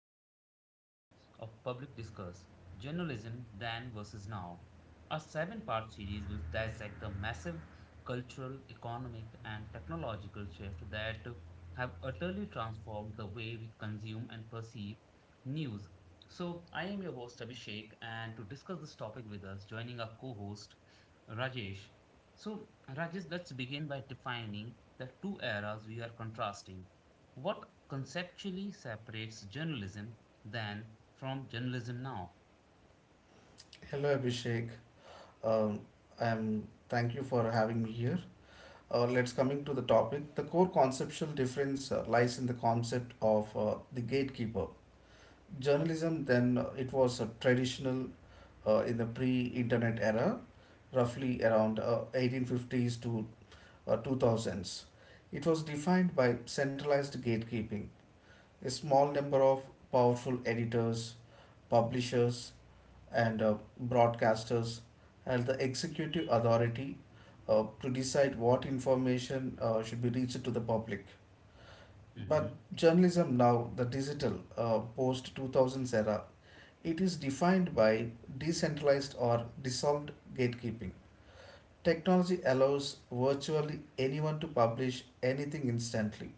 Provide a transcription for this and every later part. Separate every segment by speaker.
Speaker 1: of very fabric of public discourse, journalism then versus now. Our seven-part series will dissect the massive cultural, economic, and technological shift that have utterly transformed the way we consume and perceive news. So, I am your host, Abhishek, and to discuss this topic with us, joining our co host, Rajesh. So, Rajesh, let's begin by defining the two eras we are contrasting what conceptually separates journalism then from journalism now?
Speaker 2: Hello Abhishek. Um, I'm Thank you for having me here. Let's coming to the topic. The core conceptual difference lies in the concept of the gatekeeper. Journalism then it was traditional in the pre-internet era, roughly around 1850s to 2000s. It was defined by centralized gatekeeping. A small number of powerful editors, publishers, and broadcasters and the executive authority to decide what information should be reached to the public. But
Speaker 1: Mhm.
Speaker 2: journalism now, the digital post 2000s era, it is defined by decentralized or dissolved gatekeeping. Technology allows virtually anyone to publish anything instantly,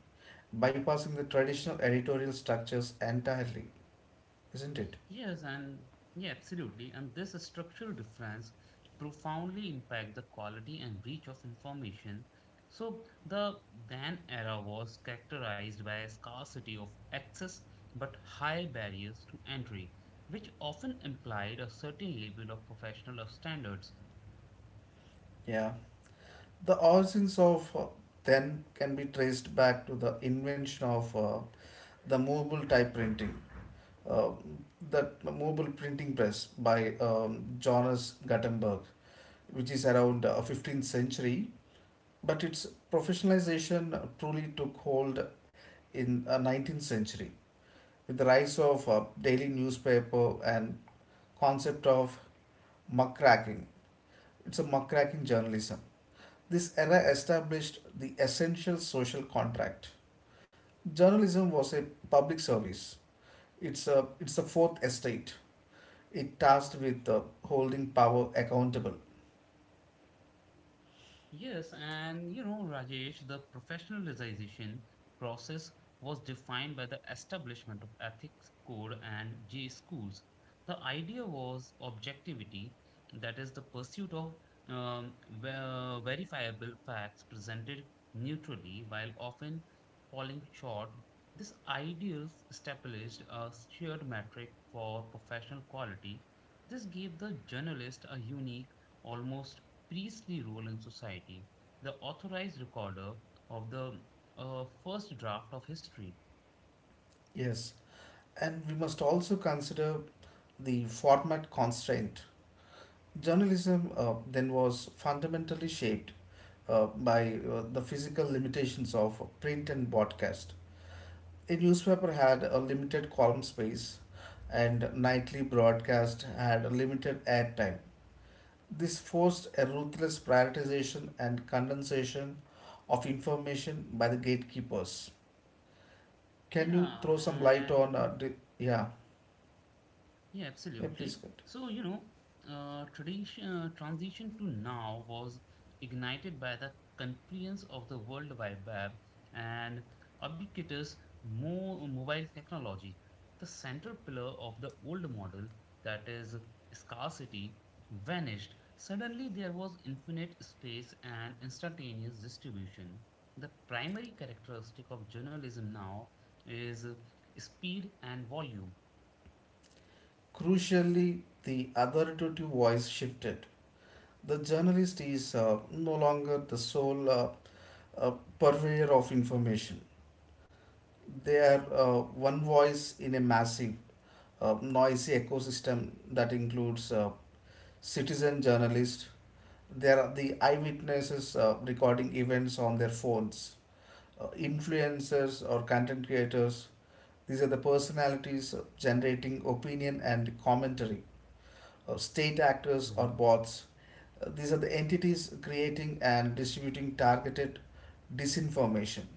Speaker 2: bypassing the traditional editorial structures entirely, isn't it?
Speaker 1: Yes, and yeah, Absolutely. And this structural difference profoundly impact the quality and reach of information. So the then era was characterized by a scarcity of access but high barriers to entry, which often implied a certain level of professional standards.
Speaker 2: Yeah. The origins of then can be traced back to the invention of the movable type printing, uh, the movable printing press by Johannes Gutenberg, which is around 15th century. But its professionalization truly took hold in 19th century with the rise of daily newspaper and concept of muckraking. It's a muckraking journalism. This era established the essential social contract. Journalism was a public service. It's the fourth estate. It tasked with holding power accountable.
Speaker 1: Yes, and you know, Rajesh, the professionalization process was defined by the establishment of ethics code and J schools. The idea was objectivity, that is, the pursuit of um, verifiable facts presented neutrally while often falling short. This ideal established a shared metric for professional quality. This gave the journalist a unique, almost priestly role in society, the authorized recorder of the first draft of history.
Speaker 2: Yes, and we must also consider the format constraint. Journalism then was fundamentally shaped by the physical limitations of print and broadcast. A newspaper had a limited column space, and nightly broadcast had a limited airtime. This forced a ruthless prioritization and condensation of information by the gatekeepers. Can you
Speaker 1: Yeah,
Speaker 2: throw some light
Speaker 1: and
Speaker 2: on? Yeah,
Speaker 1: Yeah,
Speaker 2: yeah, please.
Speaker 1: absolutely.
Speaker 2: Good.
Speaker 1: So, you know, Transition to now was ignited by the confluence of the World Wide Web and ubiquitous mo mobile technology. The central pillar of the old model, that is scarcity, vanished. Suddenly, there was infinite space and instantaneous distribution. The primary characteristic of journalism now is speed and volume.
Speaker 2: Crucially, the authoritative voice shifted. The journalist is no longer the sole uh, purveyor of information. They are one voice in a massive, noisy ecosystem that includes citizen journalists, there are the eyewitnesses recording events on their phones, influencers or content creators. These are the personalities generating opinion and commentary, state actors or
Speaker 1: Mm-hmm.
Speaker 2: bots. These are the entities creating and distributing targeted disinformation.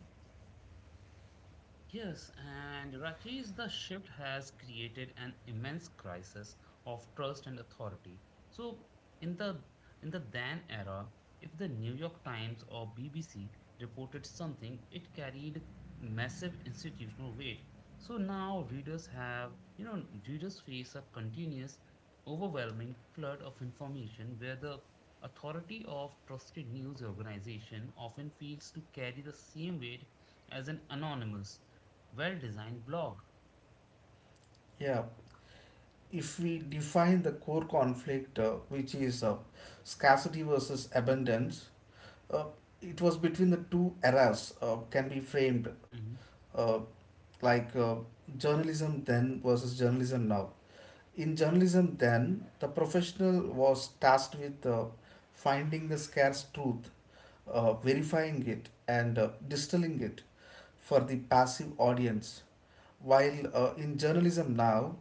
Speaker 1: Yes, and Rajesh, the shift has created an immense crisis of trust and authority. So, in the in the then era, if the New York Times or BBC reported something, it carried massive institutional weight. So now readers have, you know, readers face a continuous, overwhelming flood of information where the authority of trusted news organization often feels to carry the same weight as an anonymous well designed blog.
Speaker 2: Yeah, if we define the core conflict, which is scarcity versus abundance, uh, it was between the two eras, can be framed.
Speaker 1: Mhm.
Speaker 2: Uh, like journalism then versus journalism now. In journalism then, the professional was tasked with finding the scarce truth, verifying it, and distilling it for the passive audience. While in journalism now,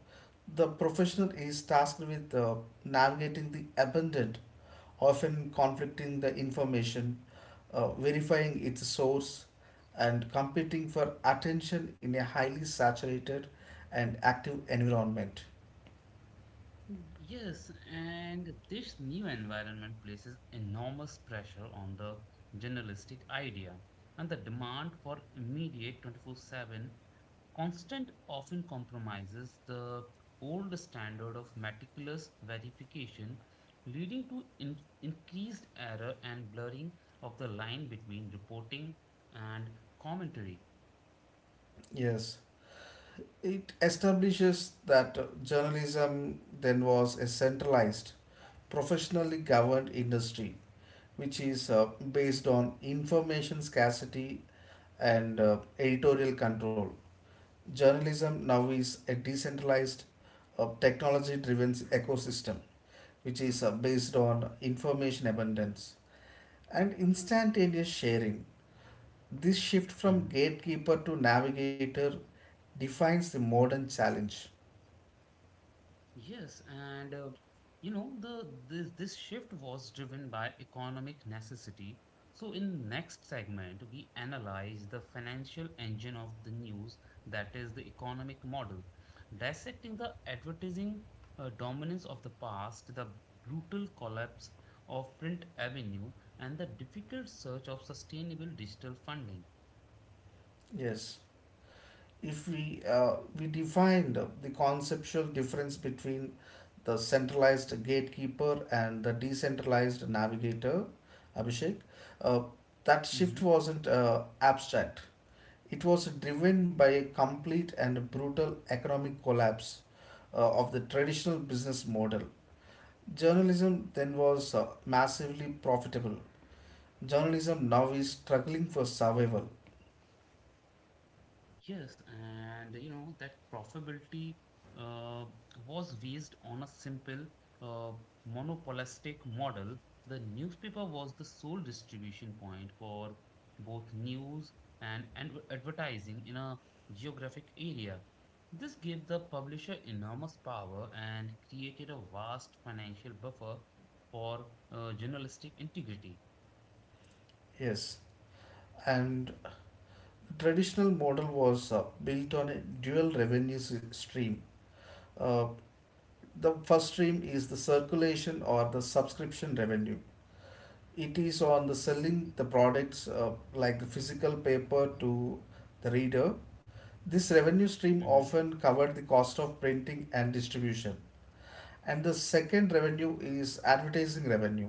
Speaker 2: the professional is tasked with navigating the abundant often conflicting the information, verifying its source, and competing for attention in a highly saturated and active environment.
Speaker 1: Yes, and this new environment places enormous pressure on the journalistic idea and the demand for immediate 24/7 constant often compromises the old standard of meticulous verification, leading to increased error and blurring of the line between reporting and commentary.
Speaker 2: Yes, it establishes that journalism then was a centralized, professionally governed industry, which is based on information scarcity and editorial control. Journalism now is a decentralized, technology driven ecosystem which is based on information abundance and instantaneous sharing. This shift from gatekeeper to navigator defines the modern challenge.
Speaker 1: Yes, and you know the This shift was driven by economic necessity. So in next segment, we analyze the financial engine of the news, that is the economic model, dissecting the advertising dominance of the past, the brutal collapse of print avenue, and the difficult search of sustainable digital funding.
Speaker 2: Yes, if we defined the conceptual difference between the centralized gatekeeper and the decentralized navigator, Abhishek, uh, that shift
Speaker 1: Mm-hmm.
Speaker 2: wasn't abstract. It was driven by a complete and brutal economic collapse of the traditional business model. Journalism then was massively profitable. Journalism now is struggling for survival.
Speaker 1: Yes, and you know that profitability uh, was based on a simple uh, monopolistic model. The newspaper was the sole distribution point for both news and advertising in a geographic area. This gave the publisher enormous power and created a vast financial buffer for journalistic integrity.
Speaker 2: Yes, and traditional model was built on a dual stream. Uh, the first stream is the circulation or the subscription revenue. It is on the selling the products like the physical paper to the reader. This revenue stream
Speaker 1: Mhm.
Speaker 2: often covered the cost of printing and distribution. And the second revenue is advertising revenue.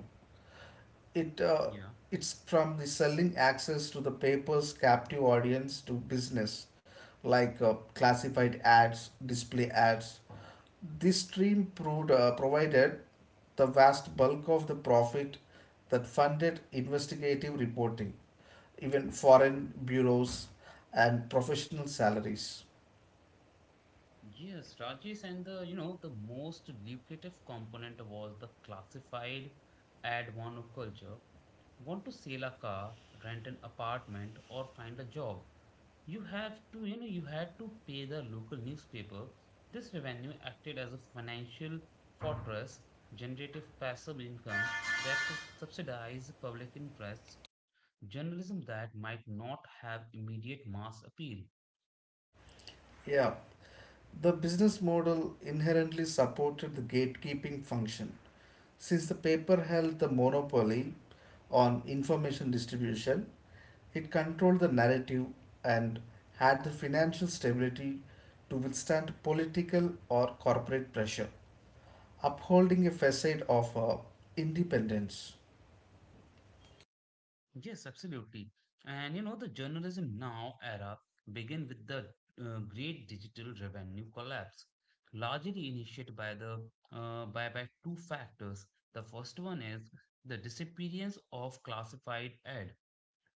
Speaker 2: it uh,
Speaker 1: Yeah.
Speaker 2: it's from the selling access to the paper's captive audience to business like classified ads display ads. This stream provided the vast bulk of the profit that funded investigative reporting, even foreign bureaus and professional salaries.
Speaker 1: Yes, Rajesh, and the you know the most lucrative component was the classified ad monoculture. Want to sell a car, rent an apartment, or find a job? You have to, you know, You had to pay the local newspaper. This revenue acted as a financial fortress, generative passive income that subsidized public interests, journalism that might not have immediate mass appeal.
Speaker 2: Yeah, the business model inherently supported the gatekeeping function. Since the paper held the monopoly on information distribution, it controlled the narrative and had the financial stability to withstand political or corporate pressure, upholding a facade of independence.
Speaker 1: Yes, absolutely. And you know, the journalism now era began with the great digital revenue collapse, largely initiated by the by two factors. The first one is the disappearance of classified ads.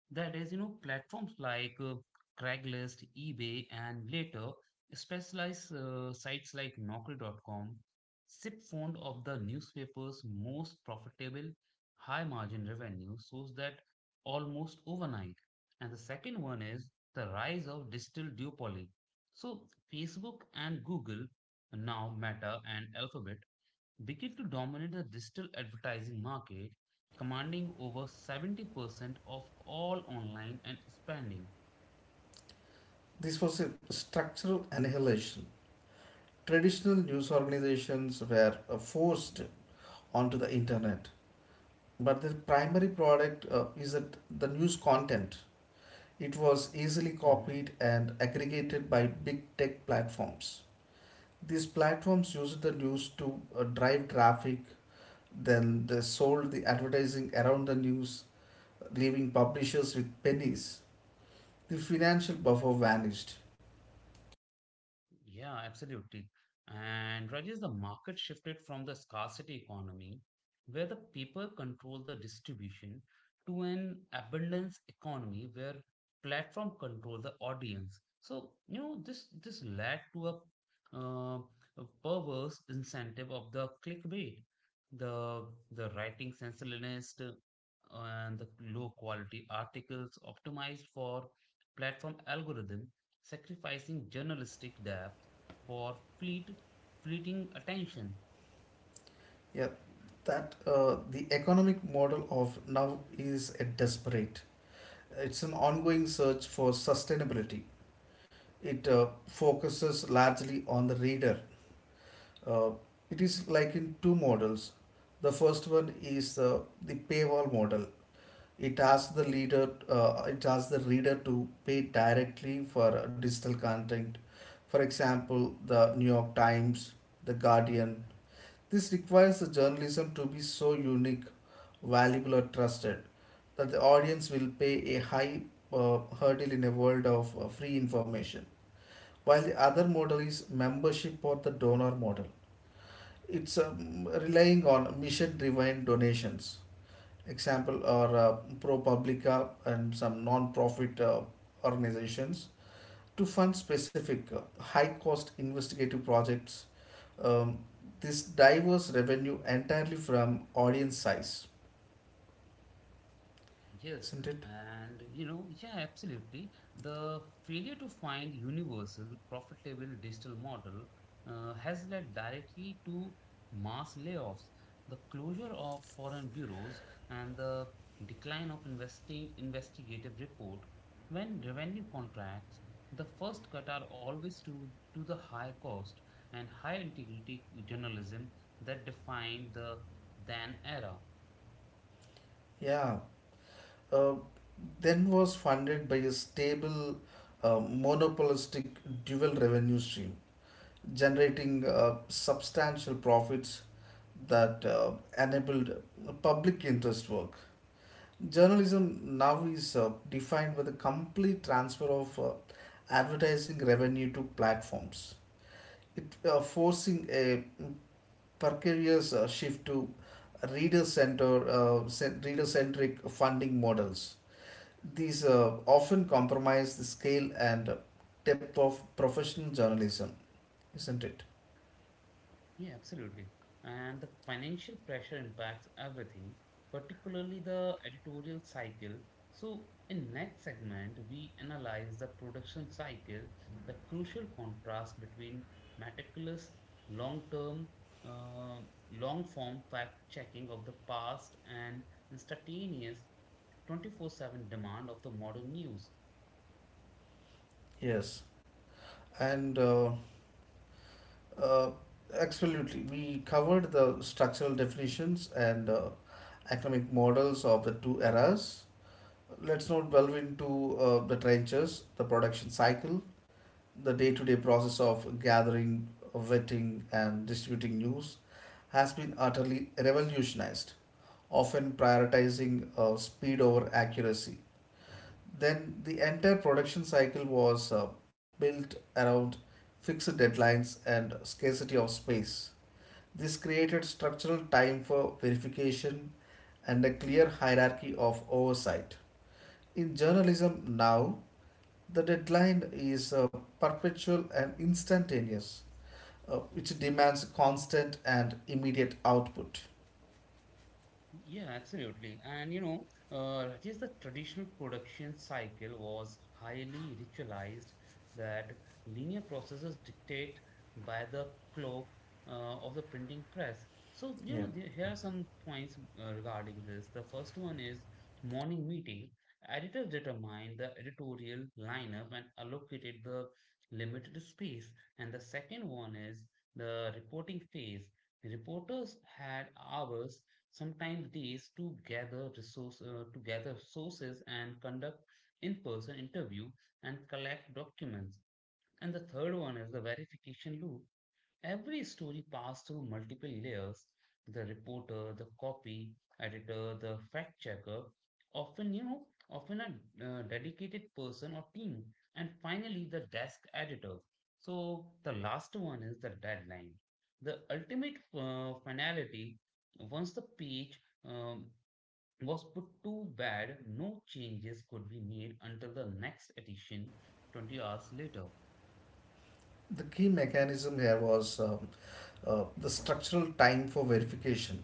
Speaker 1: That is, you know, platforms like Craigslist, eBay, and later specialized sites like Naukri.com sip fund of the newspaper's most profitable high margin revenue source that almost overnight. And the second one is the rise of digital duopoly. So Facebook and Google, now Meta and Alphabet, began to dominate the digital advertising market, commanding over 70% of all online and expanding.
Speaker 2: This was a structural annihilation. Traditional news organizations were forced onto the internet, but their primary product is that the news content. It was easily
Speaker 1: Mhm.
Speaker 2: copied and aggregated by big tech platforms. These platforms used the news to drive traffic, then they sold the advertising around the news, leaving publishers with pennies. The financial buffer vanished.
Speaker 1: Yeah, absolutely. And Rajesh, the market shifted from the scarcity economy, where the people control the distribution, to an abundance economy where platform control the audience. So, you know, this led to uh, a perverse incentive of the clickbait, the the writing sensationalist and the low quality articles optimized for platform algorithm sacrificing journalistic depth for fleeting attention.
Speaker 2: Yeah, that the economic model of now is a desperate. It's an ongoing search for sustainability. It focuses largely on the reader. Uh, it is like in two models. The first one is the paywall model. It asks the reader to pay directly for digital content. For example, the New York Times, the Guardian. This requires the journalism to be so unique, valuable, or trusted that the audience will pay a high hurdle in a world of free information. While the other model is membership or the donor model. It's relying on mission driven donations. Example are propublica and some non-profit organizations to fund specific high cost investigative projects. um, this diverse revenue entirely from audience size,
Speaker 1: Yes,
Speaker 2: isn't it?
Speaker 1: and you know, yeah, Absolutely. The failure to find universal, profitable digital model has led directly to mass layoffs, the closure of foreign bureaus, and the decline of investing investigative report. When revenue contracts, the first cut are always to the high cost and high integrity journalism that defined the then era.
Speaker 2: Yeah, uh, then was funded by a stable monopolistic dual revenue stream generating substantial profits that enabled public interest work. Journalism now is defined by the complete transfer of advertising revenue to platforms. It forcing a precarious shift to reader centric funding models. These often compromise the scale and depth of professional journalism, isn't it?
Speaker 1: Yeah, absolutely. And the financial pressure impacts everything, particularly the editorial cycle. So, in next segment, we analyze the production cycle, the crucial contrast between meticulous, long-term, uh, long-form fact-checking of the past and instantaneous 24/7 demand of the modern news.
Speaker 2: Yes, and Uh, absolutely. We covered the structural definitions and economic models of the two eras. Let's now delve into the trenches, the production cycle, the day to day process of gathering, vetting, and distributing news has been utterly revolutionized, often prioritizing speed over accuracy. Then the entire production cycle was built around fixed deadlines and scarcity of space. This created structural time for verification and a clear hierarchy of oversight. In journalism now, the deadline is perpetual and instantaneous, which demands constant and immediate output.
Speaker 1: Yeah, absolutely. And you know, just the traditional production cycle was highly ritualized that linear processes dictate by the clock of the printing press. So, you
Speaker 2: Yeah.
Speaker 1: know, here are some points regarding this. The first one is morning meeting. Editors determined the editorial lineup and allocated the limited space. And the second one is the reporting phase. Reporters had hours. Sometimes these to gather sources and conduct in-person interview and collect documents. And the third one is the verification loop. Every story passed through multiple layers. The reporter, the copy editor, the fact checker, often a dedicated person or team, and finally the desk editor. So the last one is the deadline. The ultimate finality, once the page um, was put to bed, no changes could be made until the next edition 20 hours later.
Speaker 2: The key mechanism here was the structural time for verification.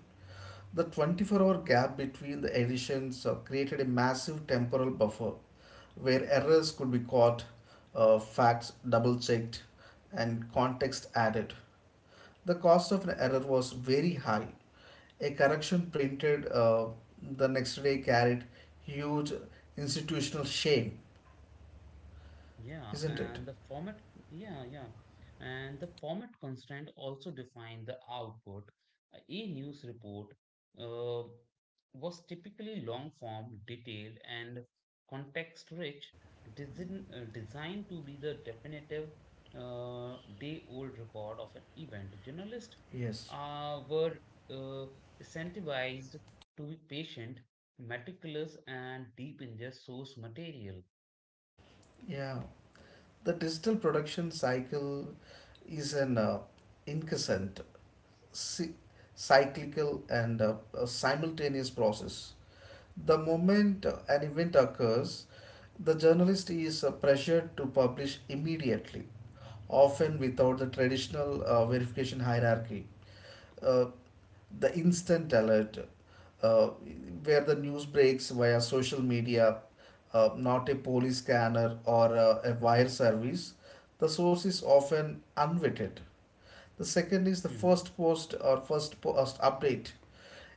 Speaker 2: The 24-hour hour gap between the editions created a massive temporal buffer where errors could be caught, facts double checked, and context added. The cost of an error was very high. A correction printed the next day carried huge institutional shame,
Speaker 1: Yeah,
Speaker 2: isn't it?
Speaker 1: and the format, yeah, yeah. And the format constraint also define the output. A news report uh, was typically long form, detailed, and context rich, designed to be the definitive day old record of an event. Journalists
Speaker 2: Yes.
Speaker 1: were uh, incentivized to be patient, meticulous, and deep in their source material.
Speaker 2: Yeah. The digital production cycle is an incessant, cy- cyclical, and a simultaneous process. The moment an event occurs, the journalist is pressured to publish immediately, often without the traditional verification hierarchy. Uh, the instant alert, uh, where the news breaks via social media, not a police scanner or a wire service, the source is often unvetted. The second is the
Speaker 1: Mm-hmm.
Speaker 2: first post or first post update,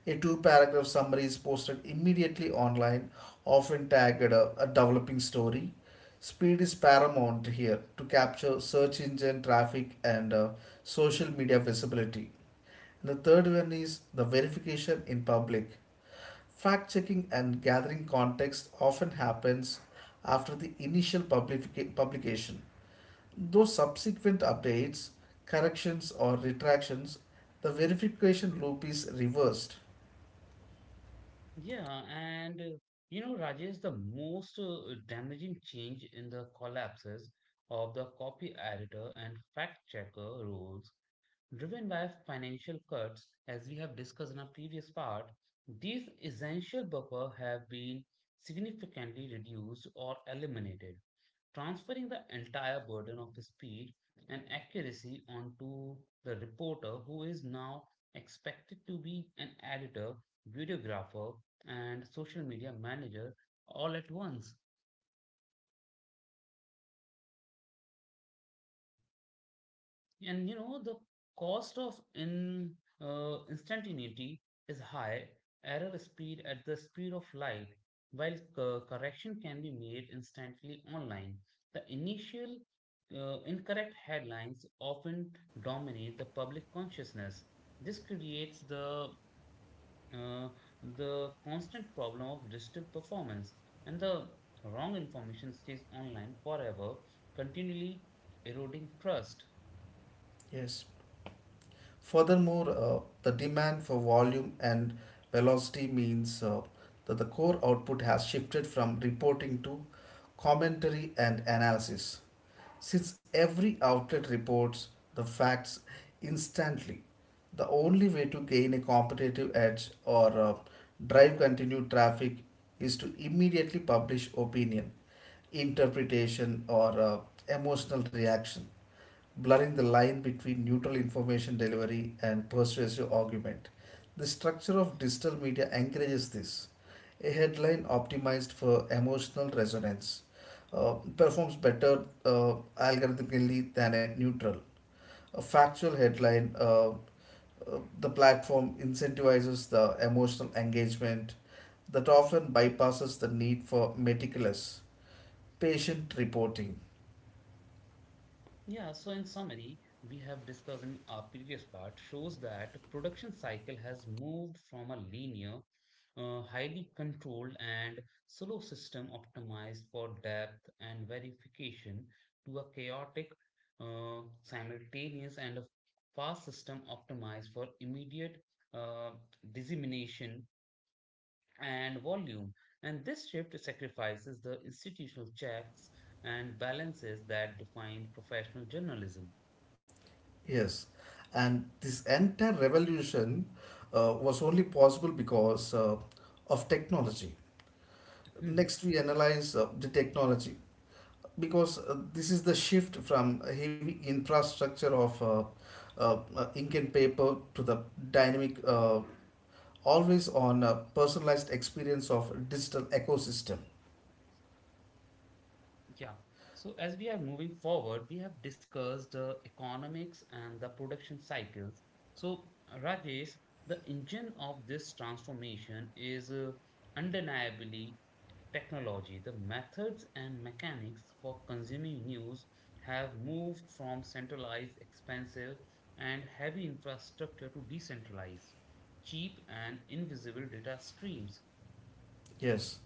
Speaker 2: a two paragraph summary is posted immediately online, often tagged a developing story. Speed is paramount here to capture search engine traffic and social media visibility. And the third one is the verification in public. Fact checking and gathering context often happens after the initial publication. Though subsequent updates, corrections, or retractions, the verification loop is reversed.
Speaker 1: Yeah, and You know, Rajesh, the most damaging change in the collapses of the copy editor and fact checker rules, driven by financial cuts, as we have discussed in our previous part, these essential buffer have been significantly reduced or eliminated transferring the entire burden of speed and accuracy onto the reporter who is now expected to be an editor, videographer, and social media manager all at once. And you know, the cost of in instantaneity is high, error speed at the speed of light, while correction can be made instantly online. The initial incorrect headlines often dominate the public consciousness. This creates uh, the constant problem of digital performance, and the wrong information stays online forever, continually eroding trust.
Speaker 2: Yes. Furthermore, the demand for volume and velocity means that the core output has shifted from reporting to commentary and analysis. Since every outlet reports the facts instantly, the only way to gain a competitive edge or drive continued traffic is to immediately publish opinion, interpretation, or emotional reaction blurring the line between neutral information delivery and persuasive argument. The structure of digital media encourages this. A headline optimized for emotional resonance performs better algorithmically than a neutral. A factual headline, the platform incentivizes the emotional engagement that often bypasses the need for meticulous, patient reporting.
Speaker 1: Yeah, so in summary, we have discussed in our previous part shows that production cycle has moved from a linear, highly controlled and slow system optimized for depth and verification to a chaotic, simultaneous and a fast system optimized for immediate uh, dissemination and volume. And this shift sacrifices the institutional checks and balances that define professional journalism.
Speaker 2: Yes, and this entire revolution was only possible because of technology.
Speaker 1: Mhm.
Speaker 2: Next, we analyze the technology because this is the shift from a heavy infrastructure of ink and paper to the dynamic, always on personalized experience of digital ecosystem.
Speaker 1: Yeah. So, as we are moving forward, we have discussed the economics and the production cycles. So, Rajesh, the engine of this transformation is undeniably technology, the methods and mechanics for consuming news have moved from centralized, expensive, and heavy infrastructure to decentralized, cheap, and invisible data streams.
Speaker 2: Yes.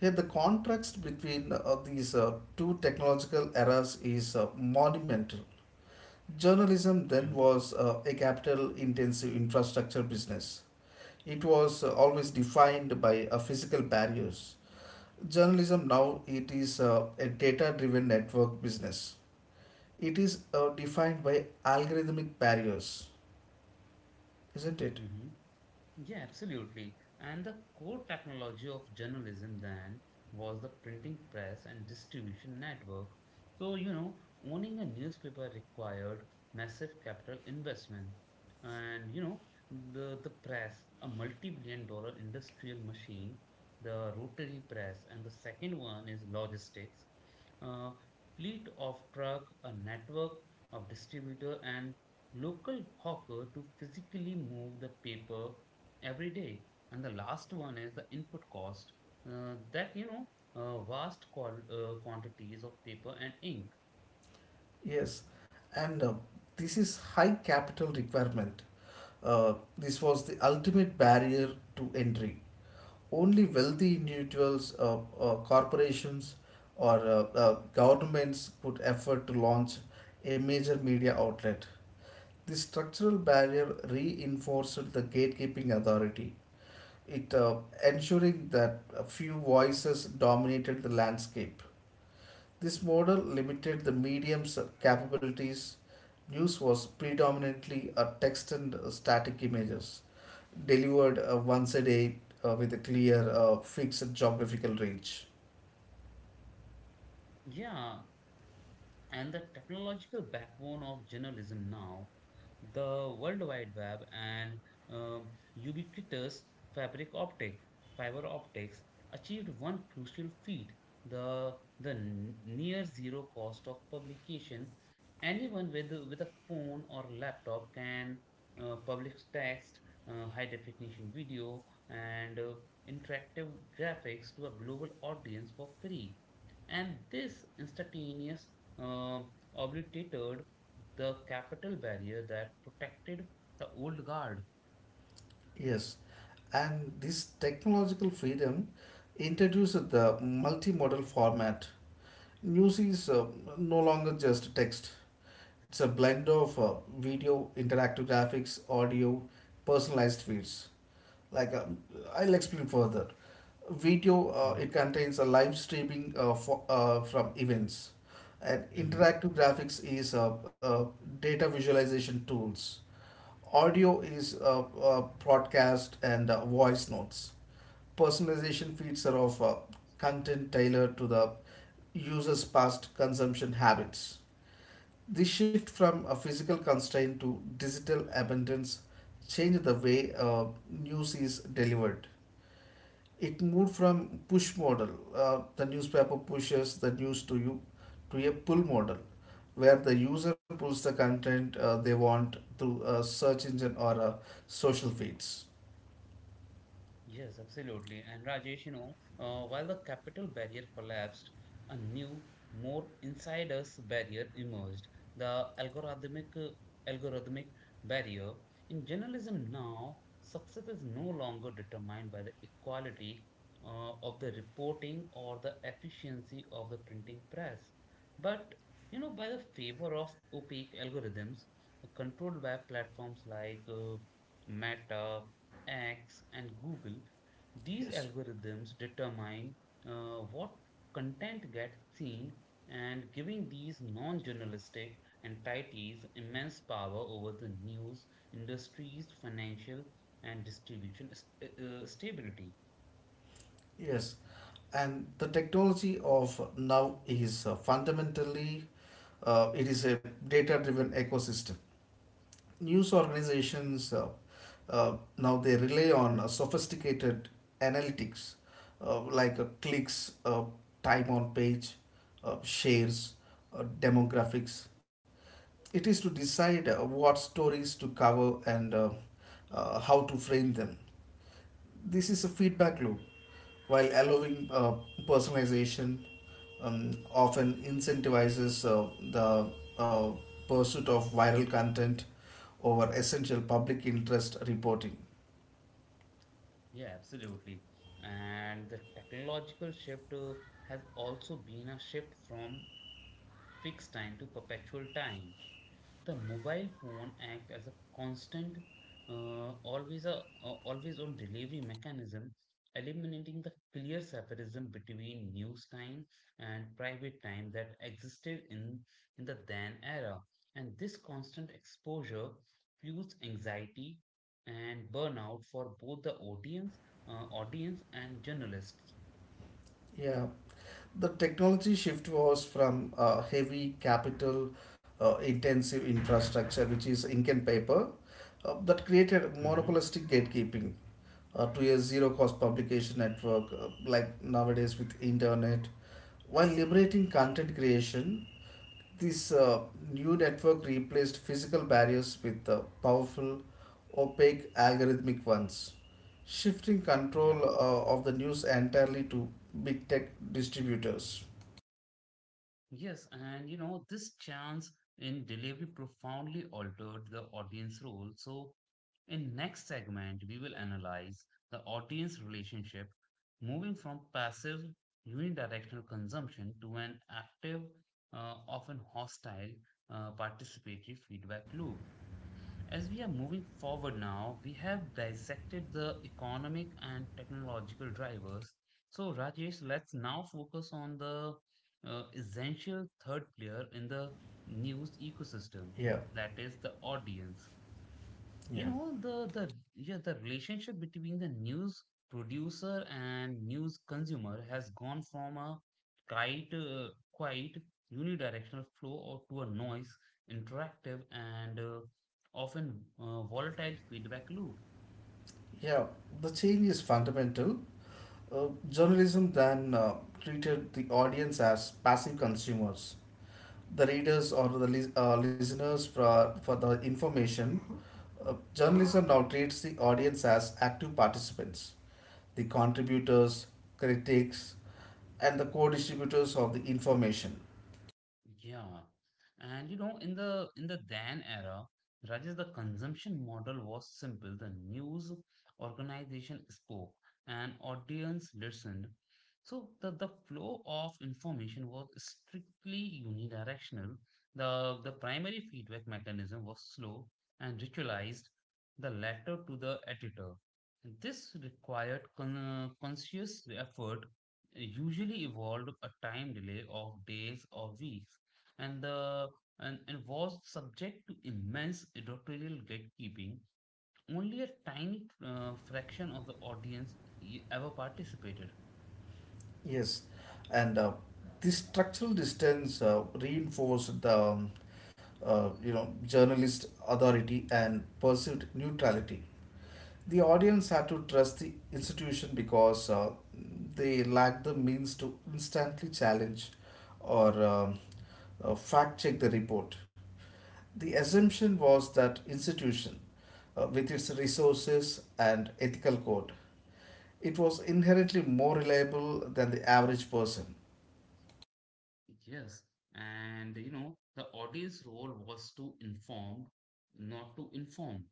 Speaker 2: Here, the contrast between these two technological eras is monumental. Journalism then
Speaker 1: Mhm,
Speaker 2: was a capital intensive infrastructure business. It was always defined by physical barriers. Journalism now it is a data driven network business. It is defined by algorithmic barriers, isn't it?
Speaker 1: mhm. Yeah, absolutely. And the core technology of journalism then was the printing press and distribution network. So, you know, owning a newspaper required massive capital investment. And, you know, the press, a multi-billion dollar industrial machine, the rotary press, and the second one is logistics, a fleet of truck, a network of distributor and local hawker to physically move the paper every day. And the last one is the input cost uh, that, you know, vast quantities of paper and ink.
Speaker 2: Yes. And this is high capital requirement. This was the ultimate barrier to entry. Only wealthy individuals, corporations, or governments could afford to launch a major media outlet. This structural barrier reinforced the gatekeeping authority, it ensuring that a few voices dominated the landscape. This model limited the medium's capabilities. News was predominantly a text and static images delivered once a day with a clear, fixed geographical range.
Speaker 1: Yeah, and the technological backbone of journalism now, the World Wide Web and um, ubiquitous fabric optic, fiber optics achieved one crucial feat, the, the near zero cost of publication. With a phone or laptop can publish text, high definition video, and interactive graphics to a global audience for free and this instantaneous uh, obliterated the capital barrier that protected the old guard.
Speaker 2: Yes, and this technological freedom introduced the multimodal format. News is no longer just text, it's a blend of video, interactive graphics, audio, personalized feeds. like um, I'll explain further. Video it
Speaker 1: Mhm,
Speaker 2: contains a live streaming from events, and
Speaker 1: mhm.
Speaker 2: interactive graphics is data visualization tools. Audio is broadcast and voice notes. Personalization feeds are of content tailored to the user's past consumption habits. This shift from a physical constraint to digital abundance changed the way news is delivered. It moved from push model, the newspaper pushes the news to you, to a pull model where the user pulls the content they want through a search engine or social feeds.
Speaker 1: Yes, absolutely. And Rajesh, while the capital barrier collapsed, a new, more insidious barrier emerged, the algorithmic barrier. In journalism now, success is no longer determined by the equality of the reporting or the efficiency of the printing press, but you know, by the favor of opaque algorithms controlled by platforms like Meta X, and Google, these
Speaker 2: Yes.
Speaker 1: algorithms determine what content gets seen and giving these non journalistic entities immense power over the news industry's financial and distribution stability.
Speaker 2: Yes, and the technology of now is fundamentally it is a data driven ecosystem. News organizations, now they rely on sophisticated analytics like clicks, time on page, shares, demographics. It is to decide what stories to cover and how to frame them. This is a feedback loop while allowing personalization, often incentivizes the uh, pursuit of viral content over essential public interest reporting.
Speaker 1: Yeah, absolutely. And the technological shift has also been a shift from fixed time to perpetual time. The mobile phone act as a constant, always a always on delivery mechanism, eliminating the clear separation between news time and private time that existed in the then era. And this constant exposure fuels anxiety and burnout for both the audience and journalists.
Speaker 2: Yeah, the technology shift was from heavy capital intensive infrastructure, which is ink and paper, that created
Speaker 1: Mhm.
Speaker 2: monopolistic gatekeeping to a zero cost publication network like nowadays with internet, while liberating content creation. This new network replaced physical barriers with powerful, opaque algorithmic ones, shifting control
Speaker 1: Yeah.
Speaker 2: of the news entirely to big tech distributors.
Speaker 1: Yes, and this chance in delivery profoundly altered the audience role. So, in next segment, we will analyze the audience relationship, moving from passive unidirectional consumption to an active, often hostile, participatory feedback loop. As we are moving forward now, we have dissected the economic and technological drivers. So, Rajesh, let's now focus on the essential third player in the news ecosystem,
Speaker 2: Yeah,
Speaker 1: that is the audience. you
Speaker 2: yeah,
Speaker 1: know the the yeah, the relationship between the news producer and news consumer has gone from a quite unidirectional flow or to a noise interactive and often volatile feedback loop.
Speaker 2: yeah. The change is fundamental. Journalism then treated the audience as passive consumers, the readers or the listeners for the information. Journalism now treats the audience as active participants, the contributors, critics, and the co distributors of the information.
Speaker 1: Yeah. And in the Dan era, Rajesh, the consumption model was simple. The news organization spoke and audience listened. So the flow of information was strictly unidirectional. The primary feedback mechanism was slow and ritualized, the letter to the editor. This required conscious effort, usually involved a time delay of days or weeks and the and was subject to immense editorial gatekeeping. Only a tiny fraction of the audience ever participated.
Speaker 2: Yes, and this structural distance reinforced the you know journalist authority and perceived neutrality. The audience had to trust the institution because they lacked the means to instantly challenge or fact check the report. The assumption was that institution, with its resources and ethical code, it was inherently more reliable than the average person.
Speaker 1: Yes, and the audience role was to inform, not to inform.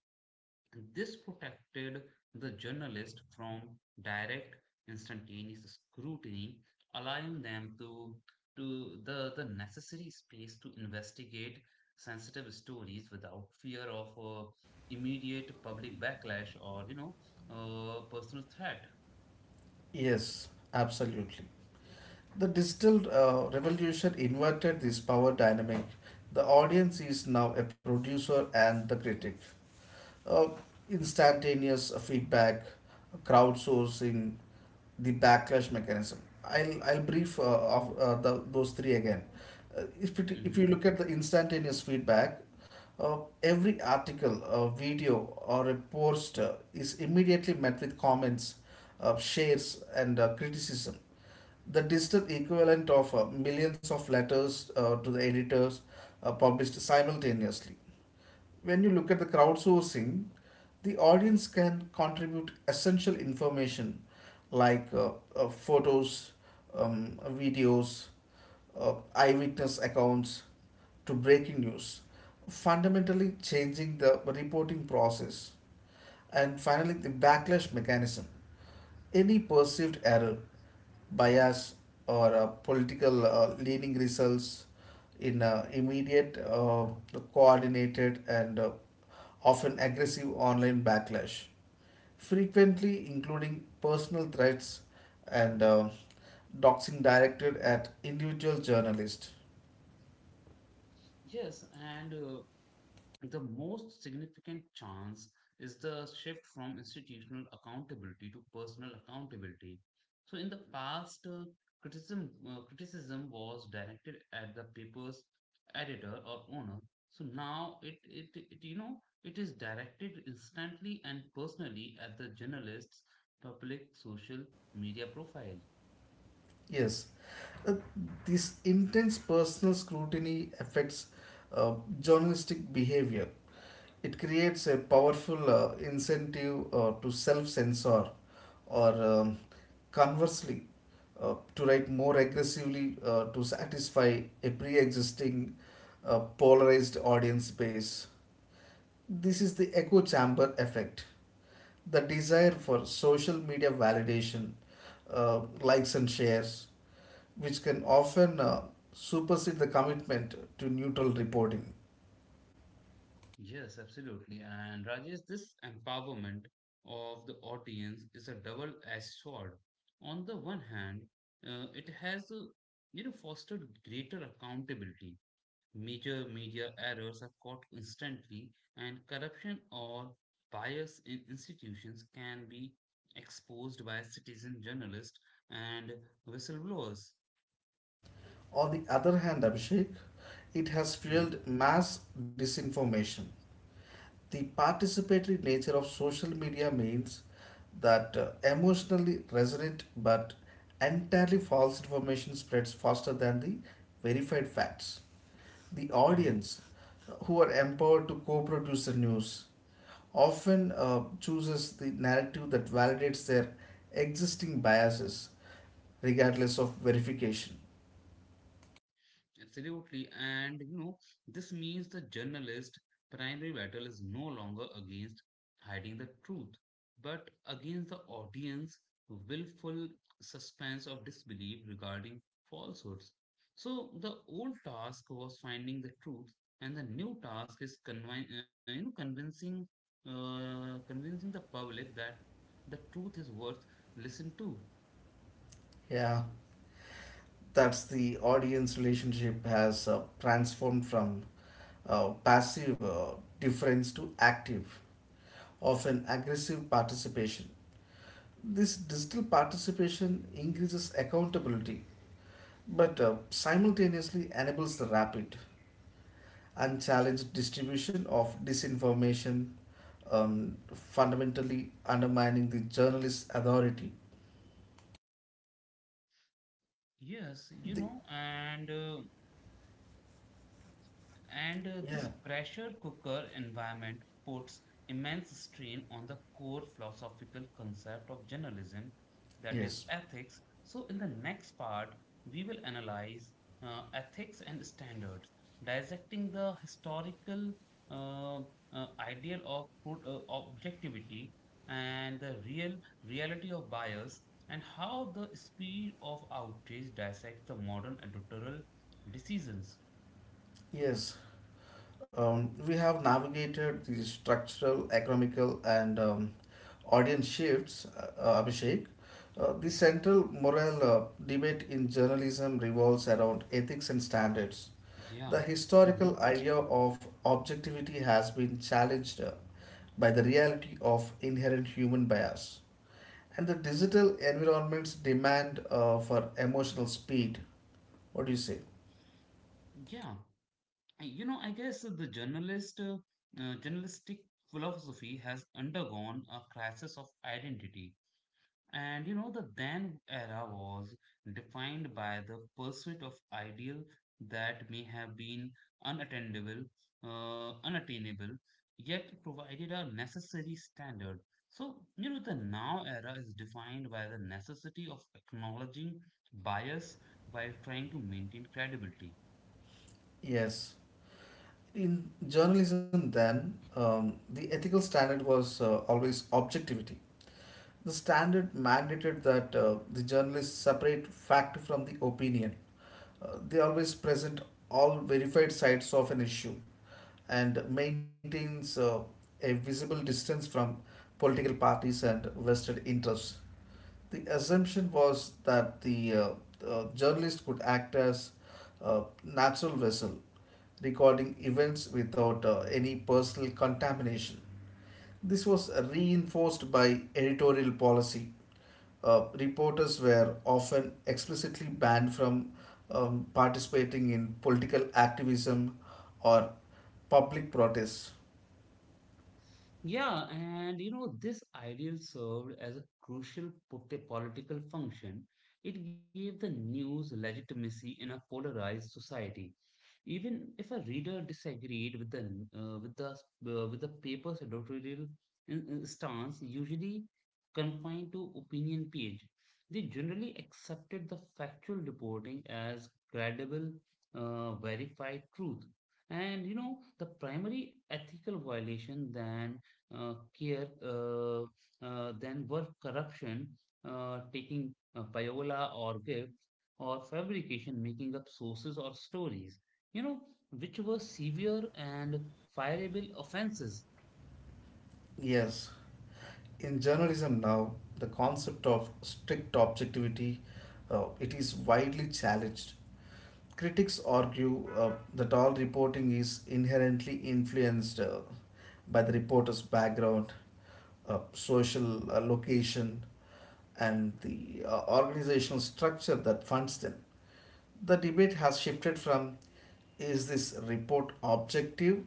Speaker 1: This protected the journalist from direct, instantaneous scrutiny, allowing them the necessary space to investigate sensitive stories without fear of immediate public backlash or, personal threat.
Speaker 2: Yes, absolutely. The digital revolution inverted this power dynamic. The audience is now a producer and the critic. uh, Instantaneous feedback, crowdsourcing, the backlash mechanism. I'll brief of the, those three again. If it, if you
Speaker 1: Mhm.
Speaker 2: look at the instantaneous feedback, every article, a video, or a post is immediately met with comments, shares, and criticism. The digital equivalent of millions of letters to the editors published simultaneously. When you look at the crowdsourcing, the audience can contribute essential information like photos, videos, eyewitness accounts to breaking news, fundamentally changing the reporting process. And finally, the backlash mechanism. Any perceived error, bias, or political leaning results in immediate, coordinated, and often aggressive online backlash, frequently including personal threats and doxing directed at individual journalists.
Speaker 1: Yes, and the most significant chance is the shift from institutional accountability to personal accountability. So, in the past, criticism was directed at the paper's editor or owner. So now it it is directed instantly and personally at the journalist's public social media profile.
Speaker 2: Yes, uh, this intense personal scrutiny affects journalistic behavior. It creates a powerful incentive to self censor or conversely to write more aggressively to satisfy a pre existing polarized audience base. This is the echo chamber effect. The desire for social media validation, likes and shares, which can often supersede the commitment to neutral reporting.
Speaker 1: Yes, absolutely. And Rajesh, this empowerment of the audience is a double-edged sword. On the one hand, it has, you know, fostered greater accountability. Major media errors are caught instantly, and corruption or bias in institutions can be exposed by citizen journalists and whistleblowers.
Speaker 2: On the other hand, Abhishek, it has
Speaker 1: Mhm,
Speaker 2: fueled mass disinformation. The participatory nature of social media means that emotionally resonant but entirely false information spreads faster than the verified facts. The
Speaker 1: mhm.
Speaker 2: audience who are empowered to co-produce the news often chooses the narrative that validates their existing biases, regardless of verification.
Speaker 1: Absolutely. And this means the journalist' primary battle is no longer against hiding the truth, but against the audience willful suspense of disbelief regarding falsehoods. So the old task was finding the truth, and the new task is convincing the public that the truth is worth listen to.
Speaker 2: Yeah, that's the audience relationship has transformed from passive difference to active, often aggressive participation. This digital participation increases accountability but simultaneously enables the rapid, unchallenged distribution of disinformation, fundamentally undermining the journalist's authority.
Speaker 1: Yes, you
Speaker 2: The,
Speaker 1: know, and this
Speaker 2: yeah,
Speaker 1: pressure cooker environment puts immense strain on the core philosophical concept of journalism, that is,
Speaker 2: yes,
Speaker 1: ethics. So, in the next part, we will analyze ethics and standards, dissecting the historical uh, ideal of objectivity and the real reality of bias, and how the speed of outrage dissects the modern editorial decisions.
Speaker 2: yes. We have navigated the structural, economical, and audience shifts, Abhishek. The central moral debate in journalism revolves around ethics and standards. The
Speaker 1: Yeah. Hmm.
Speaker 2: historical idea of objectivity has been challenged by the reality of inherent human bias, and the digital environment's demand for emotional speed. What do you say?
Speaker 1: Yeah. I guess the journalistic philosophy has undergone a crisis of identity. And the then era was defined by the pursuit of ideal that may have been unattainable, unattainable, yet provided a necessary standard. So, the now era is defined by the necessity of acknowledging bias while trying to maintain credibility.
Speaker 2: Yes. In journalism, then, the ethical standard was always objectivity. The standard mandated that the journalists separate fact from the opinion. They always present all verified sides of an issue and maintains a visible distance from political parties and vested interests. The assumption was that the journalist could act as a natural vessel recording events without any personal contamination. This was reinforced by editorial policy. Reporters were often explicitly banned from participating in political activism or public protests.
Speaker 1: Yeah, and this ideal served as a crucial political function. It gave the news legitimacy in a polarized society. Even if a reader disagreed with the with the paper's editorial stance, usually confined to opinion page, they generally accepted the factual reporting as credible, verified truth. And the primary ethical violation then care than were corruption, taking payola or gifts, or fabrication, making up sources or stories, you know, which were severe and fireable offenses.
Speaker 2: Yes. In journalism now, the concept of strict objectivity it is widely challenged. Critics argue that all reporting is inherently influenced by the reporter's background, social location, and the organizational structure that funds them. The debate has shifted from is this report objective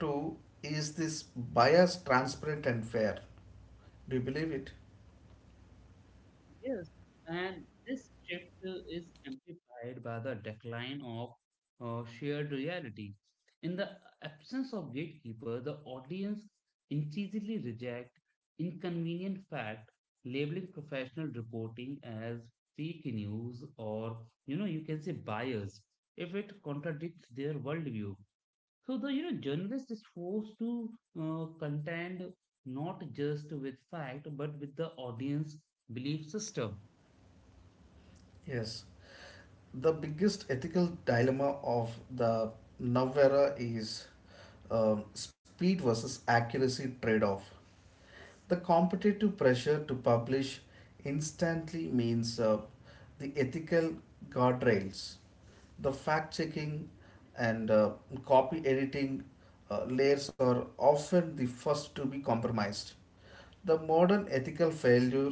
Speaker 2: to is this bias transparent and fair? Do you believe it?
Speaker 1: Yes, and this shift is amplified by the decline of shared reality. In the absence of gatekeeper, the audience increasingly reject inconvenient fact, labeling professional reporting as fake news or you can say bias if it contradicts their worldview. So the journalist is forced to contend not just with fact but with the audience belief system.
Speaker 2: Yes. The biggest ethical dilemma of the now era is speed versus accuracy trade off. The competitive pressure to publish instantly means the ethical guardrails, the fact checking, and copy editing layers are often the first to be compromised. The modern ethical failure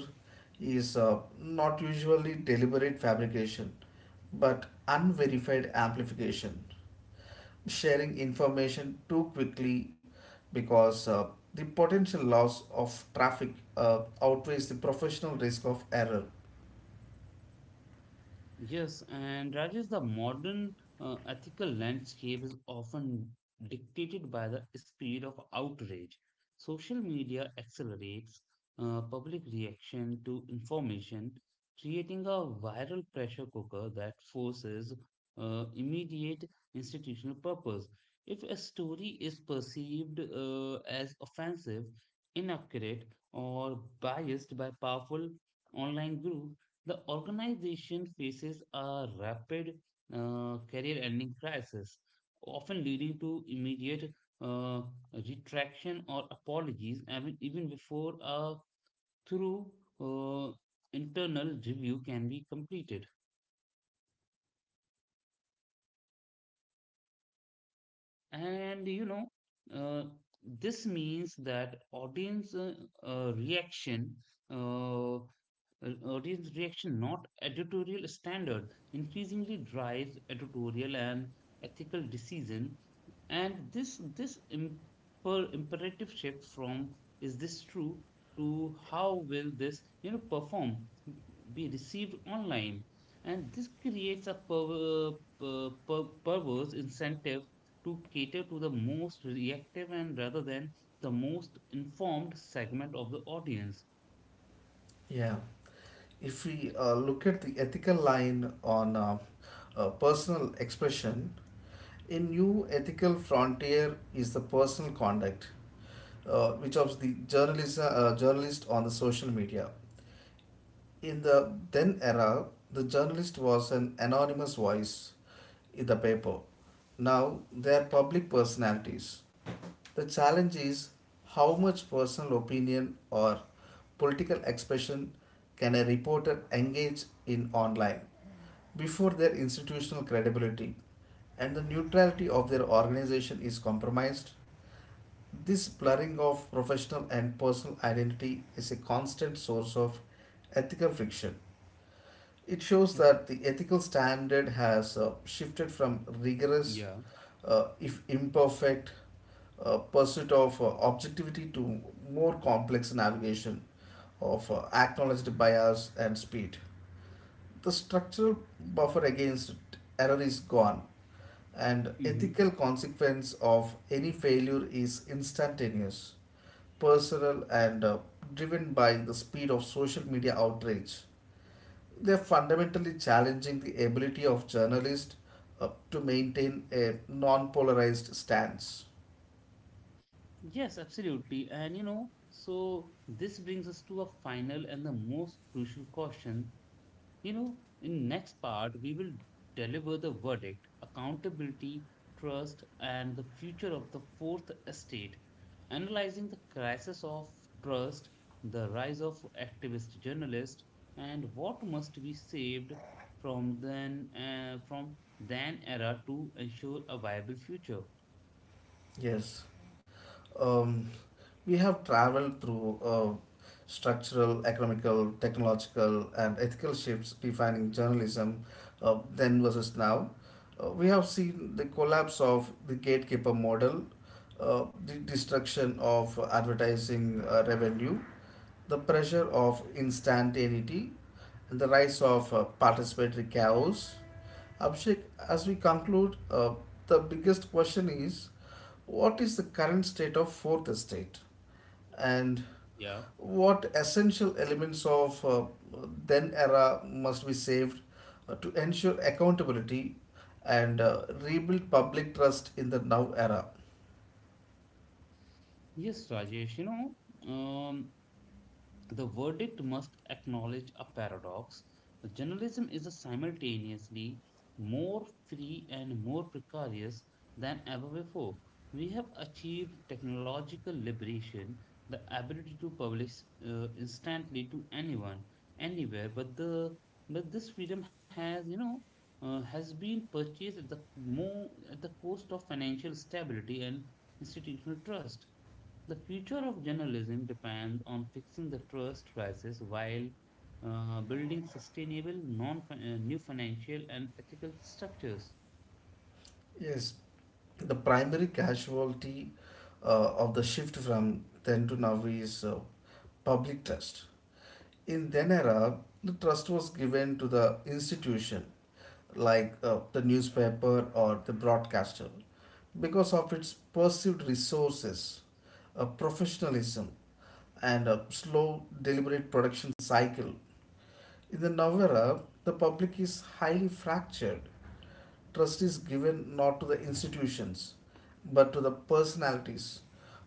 Speaker 2: is not usually deliberate fabrication but unverified amplification, sharing information too quickly because the potential loss of traffic outweighs the professional risk of error.
Speaker 1: Yes, and Rajesh, the modern ethical landscape is often dictated by the speed of outrage. Social media accelerates public reaction to information, creating a viral pressure cooker that forces immediate institutional purpose. If a story is perceived as offensive, inaccurate, or biased by powerful online group, the organization faces a rapid career ending crisis, often leading to immediate uh, retraction or apologies, even before a thorough uh, internal review can be completed. And uh, this means that uh, reaction audience reaction not editorial standard increasingly drives editorial and ethical decision. And this imperative shift from is this true to how will this perform be received online. And this creates a perverse incentive to cater to the most reactive and rather than the most informed segment of the audience.
Speaker 2: Yeah. If we look at the ethical line on personal expression, a new ethical frontier is the personal conduct, which of the journalist, journalist on the social media. In the then era, the journalist was an anonymous voice in the paper. Now they are public personalities. The challenge is how much personal opinion or political expression can a reporter engage in online before their institutional credibility and the neutrality of their organization is compromised. This blurring of professional and personal identity is a constant source of ethical friction. It shows
Speaker 1: Yep.
Speaker 2: that the ethical standard has shifted from rigorous,
Speaker 1: Yeah.
Speaker 2: if imperfect, pursuit of objectivity to more complex navigation of acknowledged bias and speed. The structural buffer against error is gone, and
Speaker 1: Hmm.
Speaker 2: ethical consequence of any failure is instantaneous, personal, and driven by the speed of social media outrage. They're fundamentally challenging the ability of journalists to maintain a non polarized stance.
Speaker 1: Yes, absolutely. And so this brings us to a final and the most crucial question. You know, in next part, we will deliver the verdict, accountability, trust, and the future of the fourth estate, analyzing the crisis of trust, the rise of activist journalists, and what must be saved from then era to ensure a viable future.
Speaker 2: Yes. Um, we have traveled through structural, economical, technological, and ethical shifts defining journalism then versus now. We have seen the collapse of the gatekeeper model, the destruction of advertising revenue, the pressure of instantaneity, and the rise of participatory chaos. Abhishek, as we conclude, the biggest question is what is the current state of fourth estate and
Speaker 1: Yeah.
Speaker 2: what essential elements of then era must be saved to ensure accountability and rebuild public trust in the now era.
Speaker 1: Yes, Rajesh, um, the verdict must acknowledge a paradox. The Journalism is simultaneously more free and more precarious than ever before. We have achieved technological liberation, the ability to publish instantly to anyone, anywhere. But this freedom has has been purchased at the more at the cost of financial stability and institutional trust. The future of journalism depends on fixing the trust crisis while building sustainable non new financial and ethical structures.
Speaker 2: Yes, the primary casualty of the shift from then to now is public trust. In then era, the trust was given to the institution like the newspaper or the broadcaster because of its perceived resources, professionalism, and a slow, deliberate production cycle. In the now era, the public is highly fractured. Trust is given not to the institutions, but to the personalities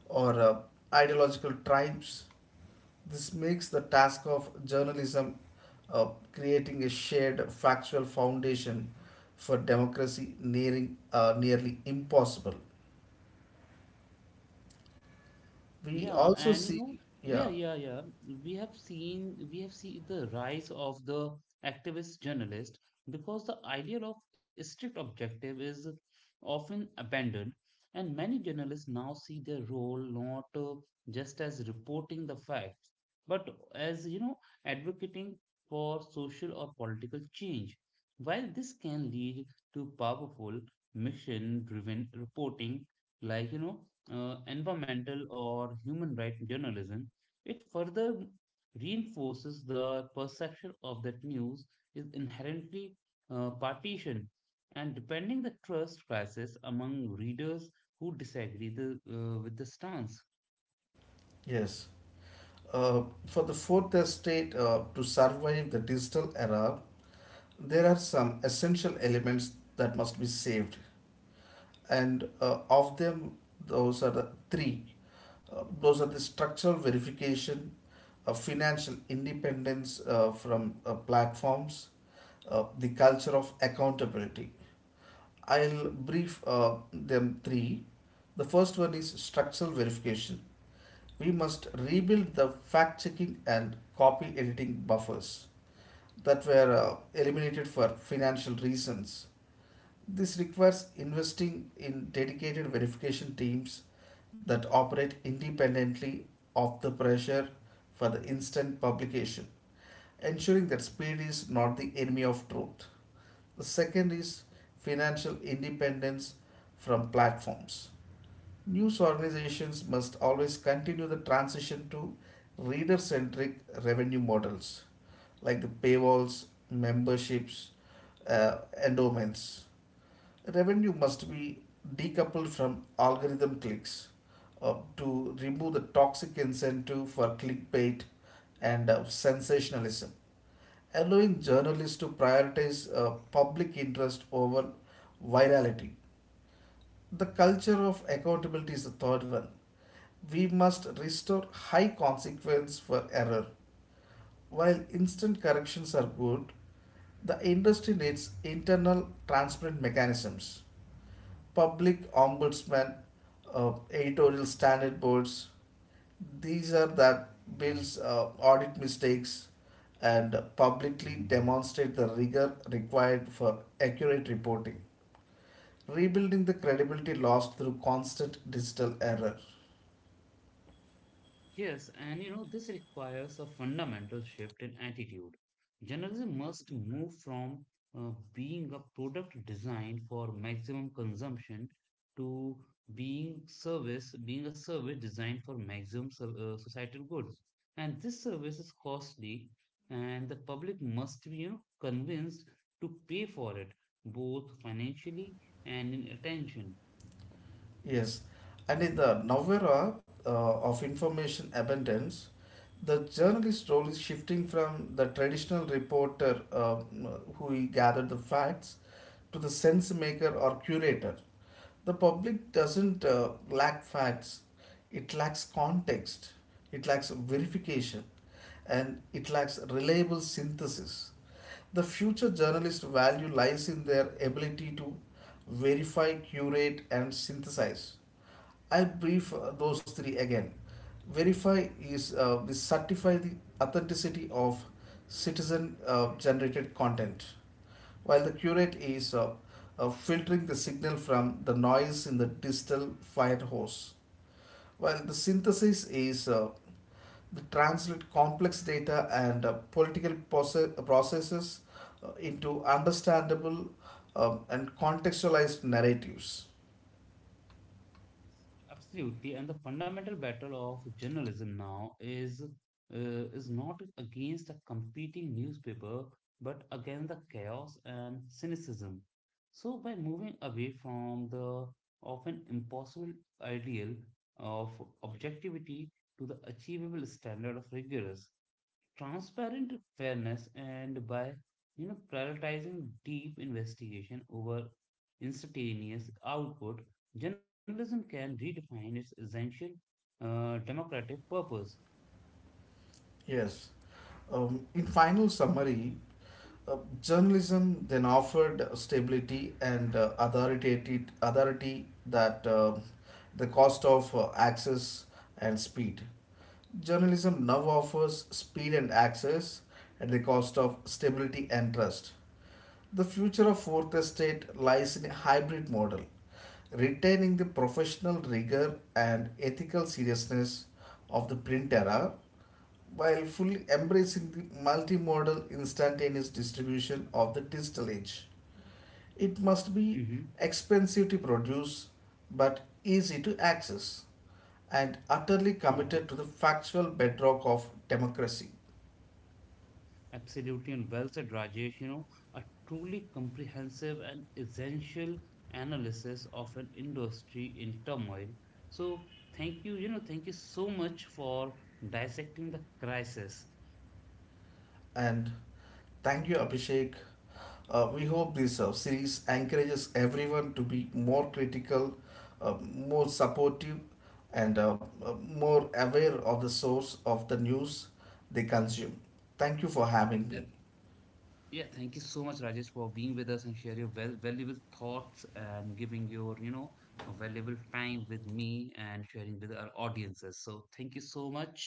Speaker 2: or ideological tribes. This makes the task of journalism, creating a shared factual foundation for democracy, nearly impossible. We
Speaker 1: Yeah,
Speaker 2: also
Speaker 1: and
Speaker 2: see,
Speaker 1: yeah,
Speaker 2: yeah,
Speaker 1: yeah, yeah. we have seen the rise of the activist journalist because the idea of strict objective is often abandoned, and many journalists now see their role not just as reporting the facts, but as advocating for social or political change. While this can lead to powerful mission-driven reporting, like environmental or human rights journalism, it further reinforces the perception of that news is inherently partisan and depending the trust crisis among readers who disagree with the stance.
Speaker 2: yes, for the fourth estate to survive the digital era, there are some essential elements that must be saved. And of them, those are the three. Those are the structural verification, financial independence from platforms, the culture of accountability. I'll brief them three. The first one is structural verification. We must rebuild the fact checking and copy editing buffers that were eliminated for financial reasons. This requires investing in dedicated verification teams that operate independently of the pressure for the instant publication, ensuring that speed is not the enemy of truth. The second is financial independence from platforms. News organizations must always continue the transition to reader centric revenue models like the paywalls, memberships, uh, endowments. Revenue must be decoupled from algorithm clicks to remove the toxic incentive for clickbait and sensationalism, allowing journalists to prioritize public interest over virality. The culture of accountability is the third one. We must restore high consequence for error. While instant corrections are good, the industry needs internal transparent mechanisms, public ombudsman, editorial standard boards. These are that bills audit mistakes and publicly demonstrate the rigor required for accurate reporting, rebuilding the credibility lost through constant digital error.
Speaker 1: Yes, and this requires a fundamental shift in attitude. Journalism must move from being a product designed for maximum consumption to being a service designed for maximum societal good. And this service is costly, and the public must be, convinced to pay for it, both financially and in attention.
Speaker 2: Yes, and in the now era of information abundance, the journalist role is shifting from the traditional reporter who gathered the facts to the sense maker or curator. The public doesn't lack facts, it lacks context, it lacks verification, and it lacks reliable synthesis. The future journalist value lies in their ability to verify, curate, and synthesize. I'll brief those three again. Verify is we certify the authenticity of citizen generated content, while the curate is filtering the signal from the noise in the digital fire hose, while the synthesis is the translate complex data and political processes into understandable and contextualized narratives.
Speaker 1: Absolutely, and the fundamental battle of journalism now is not against a competing newspaper, but against the chaos and cynicism. So, by moving away from the often impossible ideal of objectivity to the achievable standard of rigorous transparent fairness, and by prioritizing deep investigation over instantaneous output, journalism can redefine its essential democratic purpose.
Speaker 2: Yes. In final summary, Uh, journalism then offered stability and authority, authority that the cost of access and speed. Journalism now offers speed and access at the cost of stability and trust. The future of fourth estate lies in a hybrid model, retaining the professional rigor and ethical seriousness of the print era while fully embracing the multimodal instantaneous distribution of the digital age. It must be
Speaker 1: Hmm.
Speaker 2: expensive to produce but easy to access and utterly
Speaker 1: Yeah,
Speaker 2: committed to the factual bedrock of democracy.
Speaker 1: absolutely. And well said, Rajesh. A truly comprehensive and essential analysis of an industry in turmoil. So, thank you. You know Thank you so much for dissecting the crisis.
Speaker 2: And thank you, Abhishek. We hope this series encourages everyone to be more critical, more supportive, and more aware of the source of the news they consume. Thank you for having me.
Speaker 1: Yeah, thank you so much, Rajesh, for being with us and share your valuable thoughts and giving your, valuable time with me and sharing with our audiences. So thank you so much.